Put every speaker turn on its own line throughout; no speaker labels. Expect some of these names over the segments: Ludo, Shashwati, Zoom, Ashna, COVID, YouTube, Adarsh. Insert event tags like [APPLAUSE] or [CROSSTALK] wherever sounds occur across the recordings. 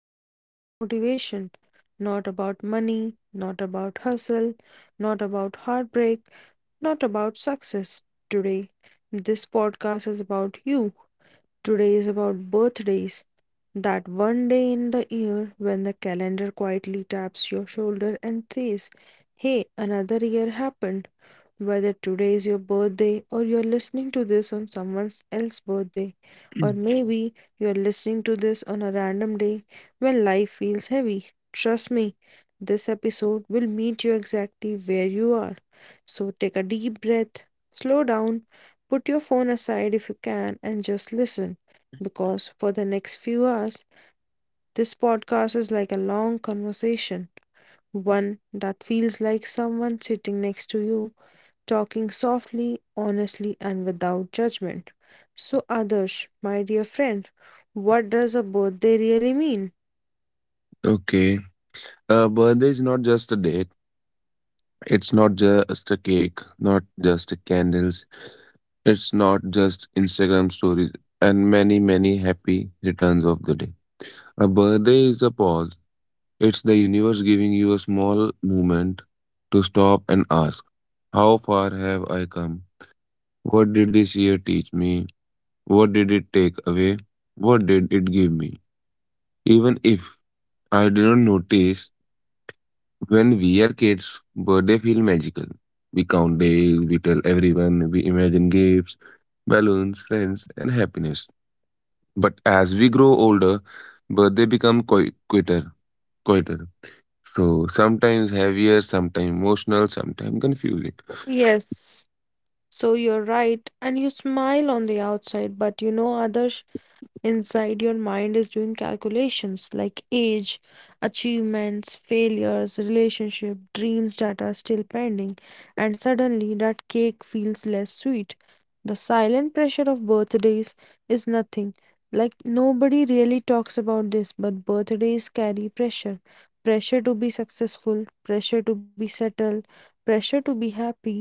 is not about motivation, not about money, not about hustle, not about heartbreak, not about success. Today, this podcast is about you. Today is about birthdays. That one day in the year when the calendar quietly taps your shoulder and says, "Hey, another year happened." Whether today is your birthday or you're listening to this on someone else's birthday, or maybe you're listening to this on a random day when life feels heavy, trust me, this episode will meet you exactly where you are. So take a deep breath, slow down, put your phone aside if you can, and just listen. Because for the next few hours, this podcast is like a long conversation, one that feels like someone sitting next to you talking softly, honestly, and without judgment. So, Adarsh, my dear friend, what does a birthday really mean?
Okay. Birthday is not just a date. It's not just a cake, not just candles. It's not just Instagram stories and many, many happy returns of the day. A birthday is a pause. It's the universe giving you a small moment to stop and ask, how far have I come? What did this year teach me? What did it take away? What did it give me? Even if I didn't notice, when we are kids, birthday feel magical. We count days, we tell everyone, we imagine gifts, balloons, friends, and happiness. But as we grow older, birthday become quieter, quieter. So sometimes heavier, sometimes emotional, sometimes confusing.
Yes. So, you're right, and you smile on the outside, but you know, Adarsh, inside your mind is doing calculations like age, achievements, failures, relationship, dreams that are still pending, and suddenly that cake feels less sweet. The silent pressure of birthdays is nothing. Like nobody really talks about this, but birthdays carry pressure. Pressure to be successful, pressure to be settled, pressure to be happy,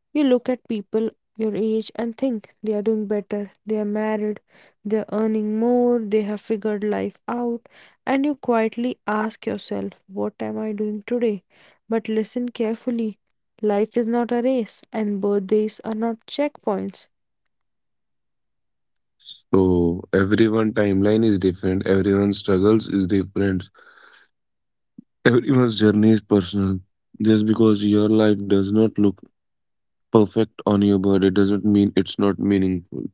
you look at people your age and think they are doing better, they are married, they are earning more, they have figured life out, and you quietly ask yourself, "What am I doing today?" But listen carefully. Life is not a race, and birthdays are not checkpoints.
So everyone timeline is different, everyone's struggles is different, [LAUGHS] everyone's journey is personal. Just because your life does not look perfect on your birthday doesn't mean it's not meaningful.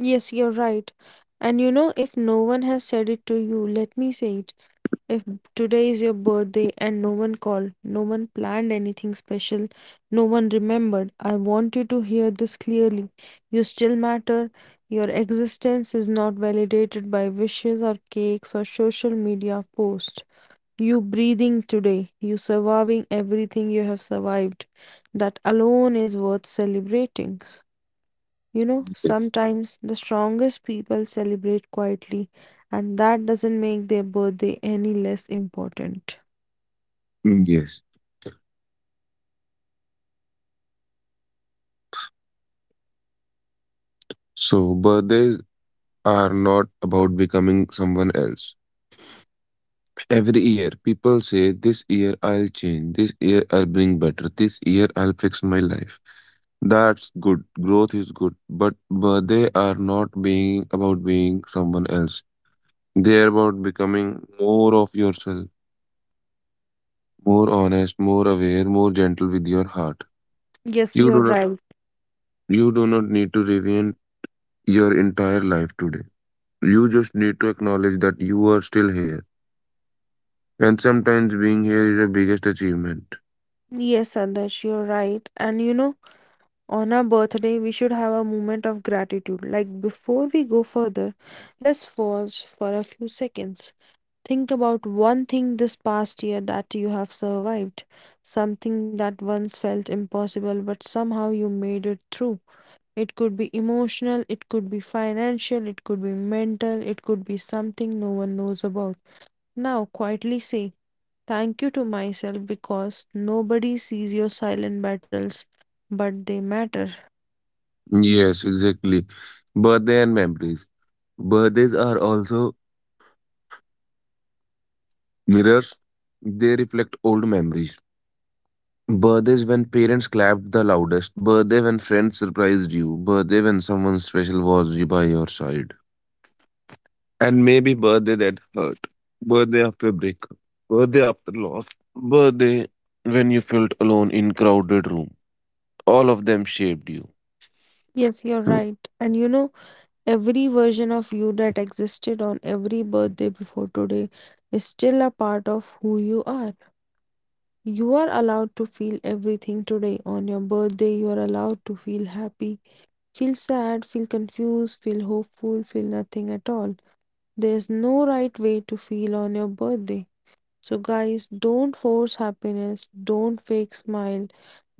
Yes, you're right. And you know, if no one has said it to you, let me say it. If today is your birthday and no one called, no one planned anything special, no one remembered, I want you to hear this clearly. You still matter. Your existence is not validated by wishes or cakes or social media posts. You breathing today, you surviving everything you have survived. That alone is worth celebrating. You know,
Yes.
sometimes the strongest people celebrate quietly, and that doesn't make their birthday any less important.
Yes. So birthdays are not about becoming someone else. Every year, people say, this year I'll change, this year I'll bring better, this year I'll fix my life. That's good, growth is good, but they are not being about being someone else. They are about becoming more of yourself, more honest, more aware, more gentle with your heart.
Yes,
You
you're
do not,
right.
you do not need to reinvent your entire life today. You just need to acknowledge that you are still here. And sometimes being here is your biggest achievement.
Yes, Adarsh, you're right. And you know, on our birthday, we should have a moment of gratitude. Like, before we go further, let's pause for a few seconds. Think about one thing this past year that you have survived, something that once felt impossible, but somehow you made it through. It could be emotional, it could be financial, it could be mental, it could be something no one knows about. Now, quietly say, "Thank you" to myself, because nobody sees your silent battles, but they matter.
Yes, exactly. Birthday and memories. Birthdays are also mirrors. They reflect old memories. Birthdays when parents clapped the loudest. Birthday when friends surprised you. Birthday when someone special was you by your side. And maybe birthday that hurt. Birthday after breakup. Birthday after loss. Birthday when you felt alone in crowded room. All of them shaped you.
Yes, you're
Mm.
right. And you know, every version of you that existed on every birthday before today is still a part of who you are. You are allowed to feel everything today. On your birthday, you are allowed to feel happy. Feel sad, feel confused, feel hopeful, feel nothing at all. There's no right way to feel on your birthday. So, guys, don't force happiness, don't fake smile,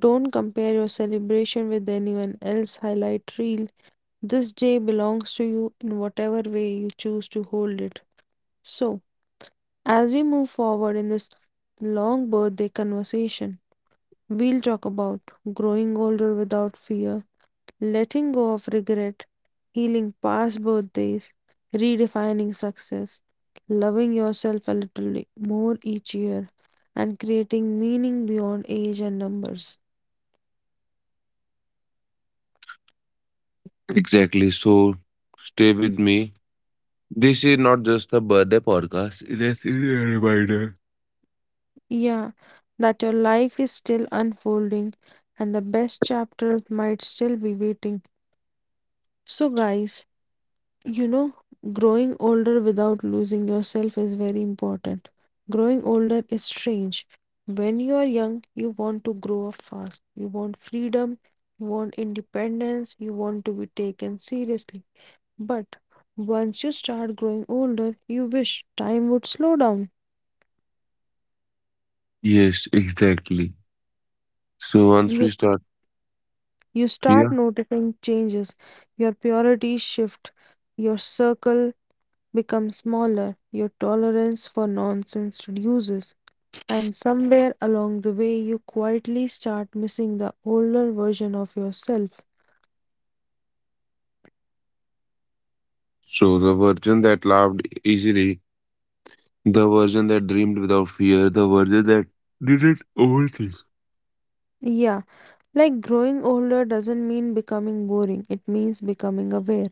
don't compare your celebration with anyone else. Highlight real. This day belongs to you in whatever way you choose to hold it. So, as we move forward in this long birthday conversation, we'll talk about growing older without fear, letting go of regret, healing past birthdays, redefining success, loving yourself a little more each year, and creating meaning beyond age and numbers.
Exactly. So stay with me. This is not just a birthday podcast, it is a reminder.
Yeah, that your life is still unfolding and the best chapters might still be waiting. So, guys, you know, growing older without losing yourself is very important. Growing older is strange. When you are young, you want to grow up fast. You want freedom, you want independence, you want to be taken seriously. But once you start growing older, you wish time would slow down.
Yes, exactly. So once
You,
we start
you start
here,
noticing changes. Your priorities shift. Your circle becomes smaller. Your tolerance for nonsense reduces. And somewhere along the way, you quietly start missing the older version of yourself.
so the version that laughed easily, the version that dreamed without fear, the version that didn't overthink.
Yeah, like growing older doesn't mean becoming boring, it means becoming aware.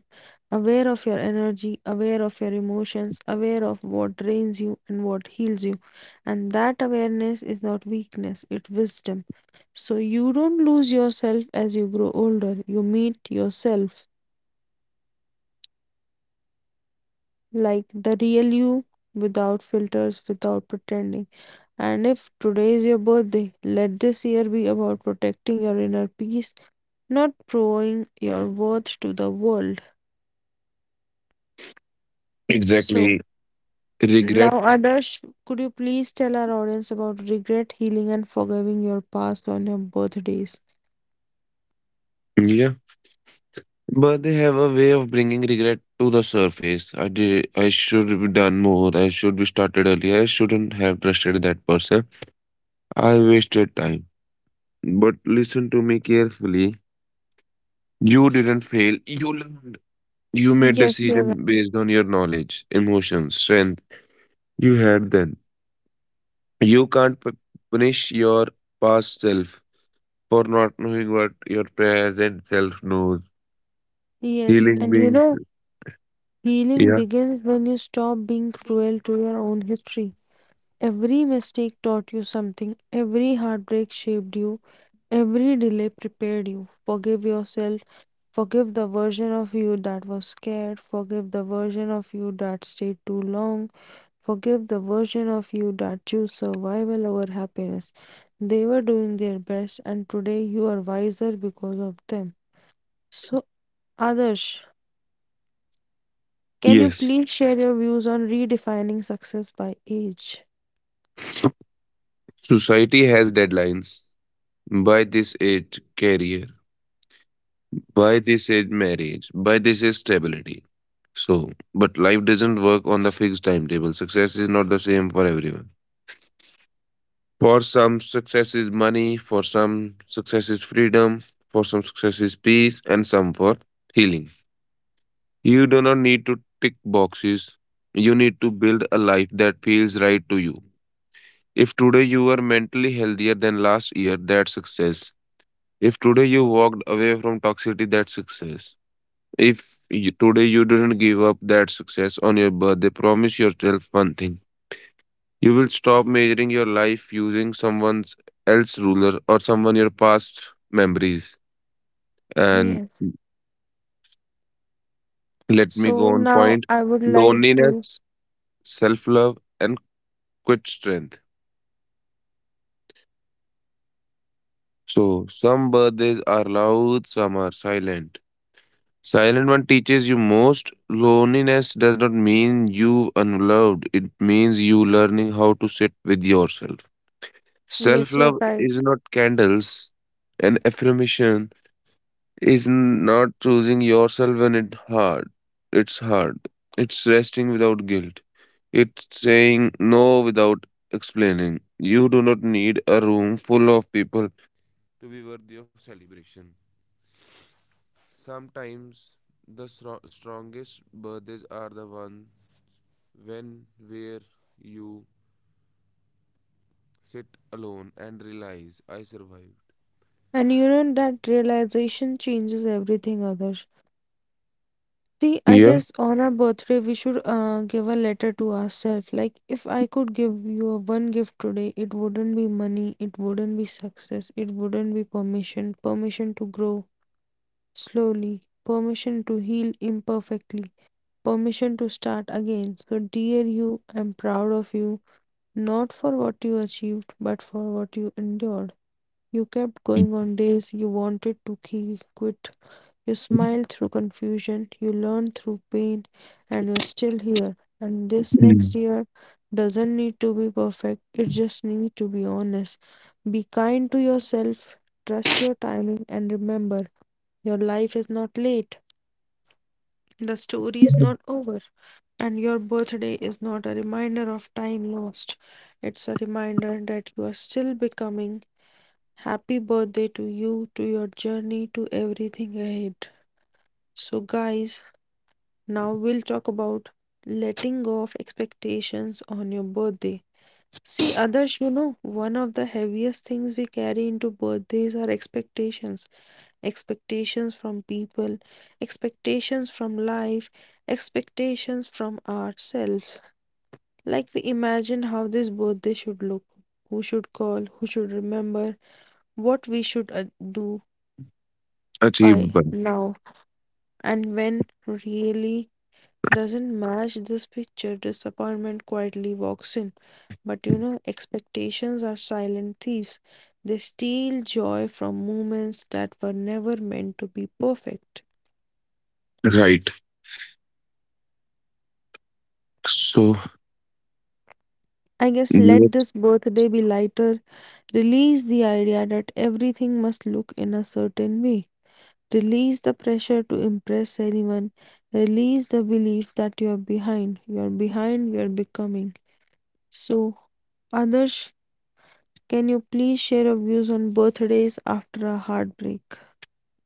Aware of your energy, aware of your emotions, aware of what drains you and what heals you. And that awareness is not weakness, it's wisdom. So you don't lose yourself as you grow older, you meet yourself, like the real you, without filters, without pretending. And if today is your birthday, let this year be about protecting your inner peace, not proving your worth to the world. So,
Exactly. Regret.
now, Adarsh, could you please tell our audience about regret, healing, and forgiving your past on your birthdays?
Yeah. But they have a way of bringing regret to the surface. I did. I should have done more. I should be started earlier. I shouldn't have trusted that person. I wasted time. But listen to me carefully. You didn't fail. You learned. You made
Yes, you're right.
decision based on your knowledge, emotions, strength you had then. You can't punish your past self for not knowing what your present self knows.
Yes,
Healing
and you
beings,
know, healing
yeah.
begins when you stop being cruel to your own history. Every mistake taught you something, every heartbreak shaped you, every delay prepared you. Forgive yourself. Forgive the version of you that was scared. Forgive the version of you that stayed too long. Forgive the version of you that chose survival over happiness. They were doing their best, and today you are wiser because of them. So, Adarsh, can you
Yes,
please share your views on redefining success by age?
society has deadlines. By this age, career. By this age, marriage. By this age, stability. So, but life doesn't work on the fixed timetable. Success is not the same for everyone. For some, success is money. For some, success is freedom. For some, success is peace. And some for healing. You do not need to tick boxes. You need to build a life that feels right to you. If today you are mentally healthier than last year, that's success. If today you walked away from toxicity, that's success. If you, today you didn't give up that success on your birthday, promise yourself one thing. You will stop measuring your life using someone else's ruler or someone your past memories. And
Yes.
let me go
So,
on
now
point
I would like to.
loneliness, self love, and quit strength. So, some birthdays are loud, some are silent. Silent one teaches you most. Loneliness does not mean you unloved. It means you learning how to sit with yourself. Self
Yes, you're
love
right.
is not candles and affirmation is not choosing yourself when it hard. It's hard. It's resting without guilt. It's saying no without explaining. You do not need a room full of people.
And you know that realization changes everything, Others. See, I guess on our birthday, we should give a letter to ourselves. Like, if I could give you a one gift today, it wouldn't be money, it wouldn't be success, it wouldn't be permission, permission to grow slowly, permission to heal imperfectly, permission to start again. So, dear you, I'm proud of you, not for what you achieved, but for what you endured. You kept going on days you wanted to quit. You smile through confusion, you learn through pain, and you're still here. And this
Mm.
next year doesn't need to be perfect, it just needs to be honest. Be kind to yourself, trust your timing, and remember, your life is not late, the story is not over, and your birthday is not a reminder of time lost. It's a reminder that you are still becoming. Happy birthday to you, to your journey, to everything ahead. So, guys, now we'll talk about letting go of expectations on your birthday. See, others, you know, one of the heaviest things we carry into birthdays are expectations. Expectations from people, expectations from life, expectations from ourselves. Like we imagine how this birthday should look, who should call, who should remember, what we should do
Achieved
by
by.
now, and when really doesn't match this picture, disappointment quietly walks in. But you know, expectations are silent thieves. They steal joy from moments that were never meant to be perfect.
Right. So,
I guess
yeah,
let this birthday be lighter. Release the idea that everything must look in a certain way. Release the pressure to impress anyone. Release the belief that you are behind. You are behind, you are becoming. So, others, can you please share your views on birthdays after a heartbreak?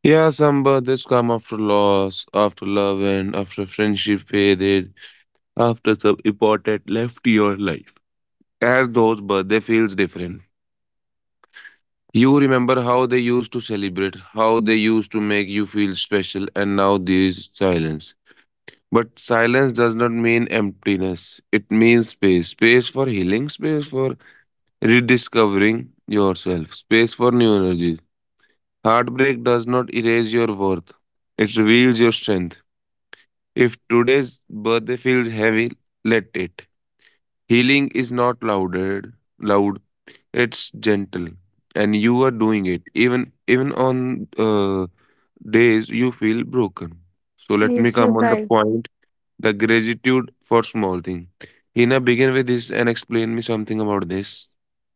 yeah, some birthdays come after loss, after love, and after friendship faded, after some important left your life. As those birthday feels different. You remember how they used to celebrate, how they used to make you feel special, and now there's silence. But silence does not mean emptiness. It means space. Space for healing, space for rediscovering yourself, space for new energies. Heartbreak does not erase your worth, it reveals your strength. If today's birthday feels heavy, let it. Healing is not louder, loud, it's gentle. And you are doing it, even on days you feel broken. So let me
Yes,
come
you're
on the
right.
point, the gratitude for small thing. Hina, begin with this and explain me something about this.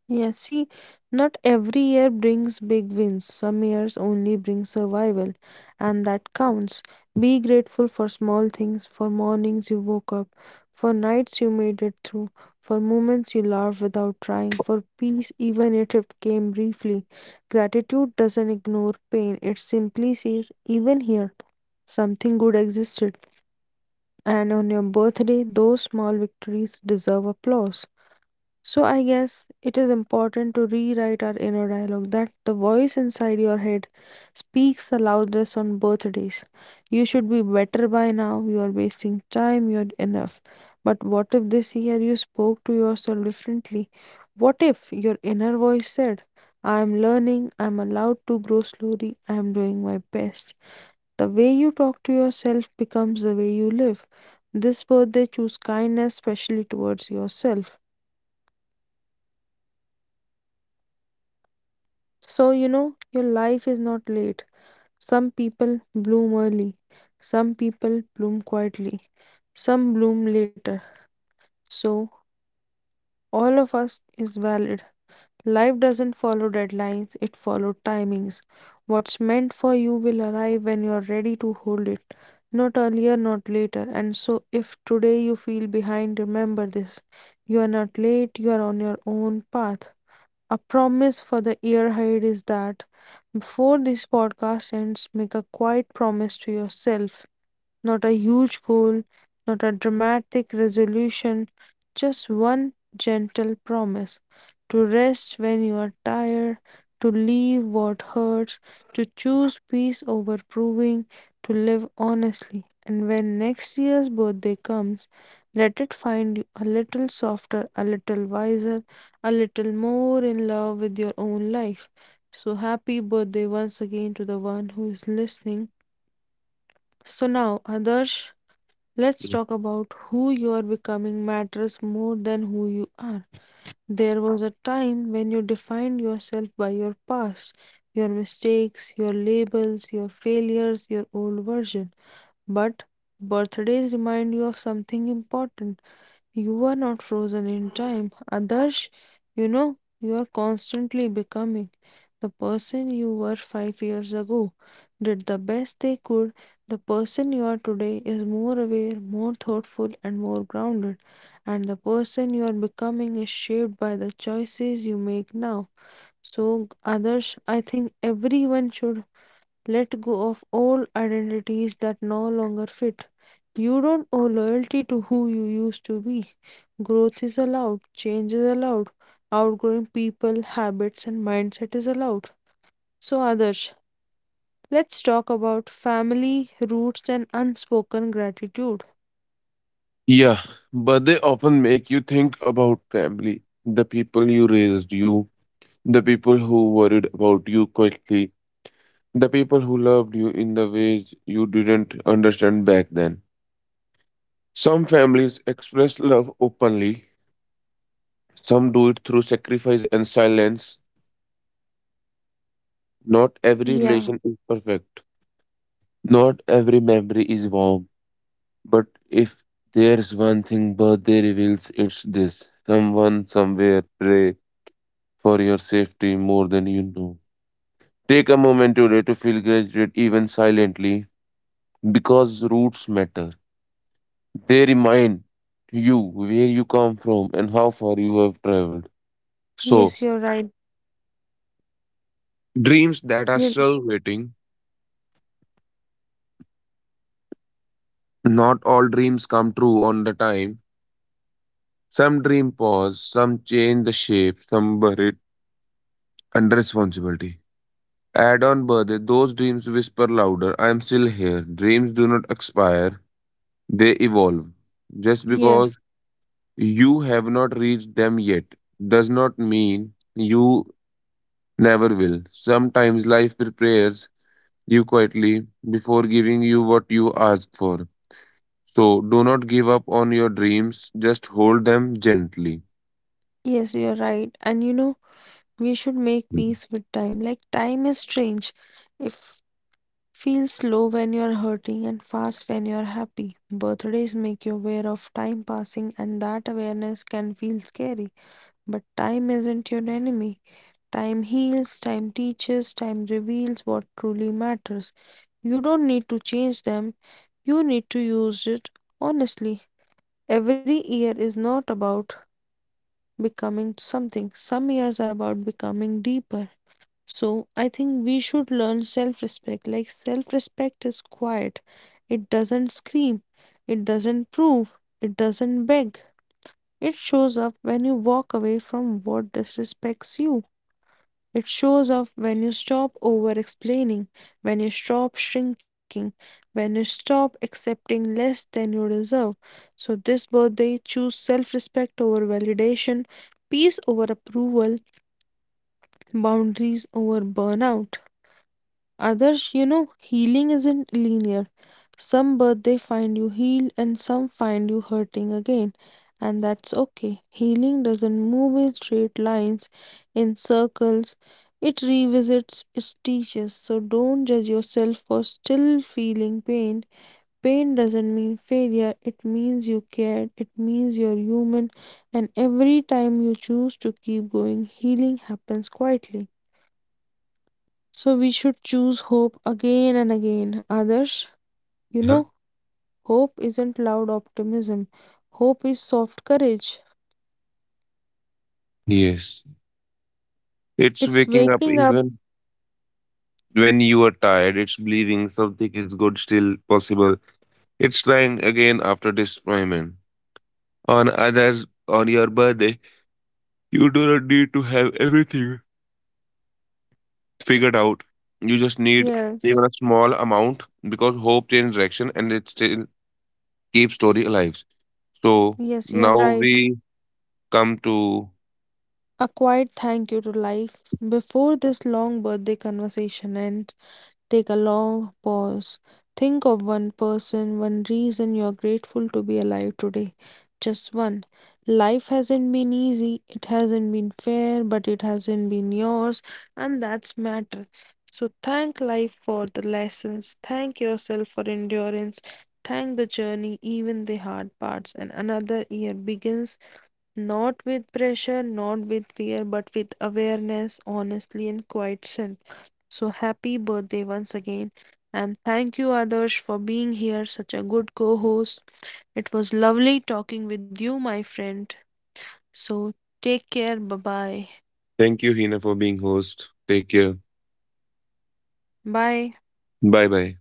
Yeah, see, not every year brings big wins. Some years only bring survival, and that counts. Be grateful for small things, for mornings you woke up, for nights you made it through, for moments you laughed without trying, for peace even if it came briefly. Gratitude doesn't ignore pain, it simply says, even here, something good existed. And on your birthday, those small victories deserve applause. So I guess it is important to rewrite our inner dialogue, that the voice inside your head speaks the loudest on birthdays. You should be better by now, you are wasting time, you're enough. But what if this year you spoke to yourself differently? What if your inner voice said, "I am learning, I am allowed to grow slowly, I am doing my best?" The way you talk to yourself becomes the way you live. This birthday, choose kindness, especially towards yourself. So, you know, your life is not late. Some people bloom early, some people bloom quietly, some bloom later. So, all of us is valid. Life doesn't follow deadlines, it follows timings. What's meant for you will arrive when you're ready to hold it, not earlier, not later. And so, if today you feel behind, remember this, you are not late, you are on your own path. A promise for the year ahead is that before this podcast ends, make a quiet promise to yourself, not a huge goal, not a dramatic resolution, just one gentle promise to rest when you are tired, to leave what hurts, to choose peace over proving, to live honestly. And when next year's birthday comes, let it find you a little softer, a little wiser, a little more in love with your own life. So, happy birthday once again to the one who is listening. So, now, Adarsh, let's talk about who you are becoming matters more than who you are. There was a time when you defined yourself by your past, your mistakes, your labels, your failures, your old version. But birthdays remind you of something important, you are not frozen in time. Adarsh, you know, you are constantly becoming. The person you were 5 years ago did the best they could. The person you are today is more aware, more thoughtful, and more grounded. And the person you are becoming is shaped by the choices you make now. So, Adarsh, I think everyone should let go of all identities that no longer fit. You don't owe loyalty to who you used to be. Growth is allowed, change is allowed, outgrowing people, habits, and mindset is allowed. So, Adarsh, let's talk about family, roots, and unspoken gratitude.
Yeah, but they often make you think about family, the people you raised, you. The people who worried about you quickly. The people who loved you in the ways you didn't understand back then. Some families express love openly, some do it through sacrifice and silence. Not every
Yeah,
relation is perfect, not every memory is warm. But if there's one thing birthday reveals, it's this someone somewhere pray for your safety more than you know. Take a moment today to feel gratitude, even silently, because roots matter. They remind you where you come from and how far you have traveled. So,
yes, you're right.
dreams that are
You-
still waiting. Not all dreams come true on the time. Some dream pause, some change the shape, some buried under responsibility. Add on birthday, those dreams whisper louder, I am still here. Dreams do not expire, they evolve. Just because
Yes,
you have not reached them yet does not mean you never will. Sometimes life prepares you quietly before giving you what you ask for. So do not give up on your dreams, just hold them gently.
yes, you're right. And you know, we should make peace with time. Like, time is strange. If feel slow when you're hurting and fast when you're happy. Birthdays make you aware of time passing, and that awareness can feel scary. But time isn't your enemy. Time heals, time teaches, time reveals what truly matters. You don't need to change them, you need to use it honestly. Every year is not about becoming something, some years are about becoming deeper. So I think we should learn self-respect. Like self-respect is quiet. It doesn't scream. It doesn't prove. It doesn't beg. It shows up when you walk away from what disrespects you. It shows up when you stop over-explaining, when you stop shrinking, when you stop accepting less than you deserve. So this birthday, choose self-respect over validation, peace over approval, boundaries over burnout. Others, you know, healing isn't linear. Some birthday find you healed and some find you hurting again. And that's okay. Healing doesn't move in straight lines, in circles. It revisits its teachers. So don't judge yourself for still feeling pain. Pain doesn't mean failure, it means you cared, it means you're human. And every time you choose to keep going, healing happens quietly. So we should choose hope again and again. Others, you
Yeah.
know, hope isn't loud optimism. Hope is soft courage.
Yes. It's
It's
waking up
waking up.
even when you are tired. It's believing something is good, still possible. It's trying again after disappointment. On others, on your birthday, you do not need to have everything figured out. You just need
Yes,
even a small amount because hope changes direction and it still keeps story alive. So
yes, you're
now
right.
we come to
A quiet thank you to life before this long birthday conversation ends. Take a long pause. Think of one person, one reason you're grateful to be alive today. Just one. Life hasn't been easy, it hasn't been fair, but it hasn't been yours, and that's matter. So thank life for the lessons, thank yourself for endurance, thank the journey, even the hard parts, and another year begins not with pressure, not with fear, but with awareness, honestly, and quiet strength. So happy birthday once again. And thank you, Adarsh, for being here, such a good co host. It was lovely talking with you, my friend. So take care. Bye bye.
thank you, Hina, for being host. Take care.
Bye.
Bye bye.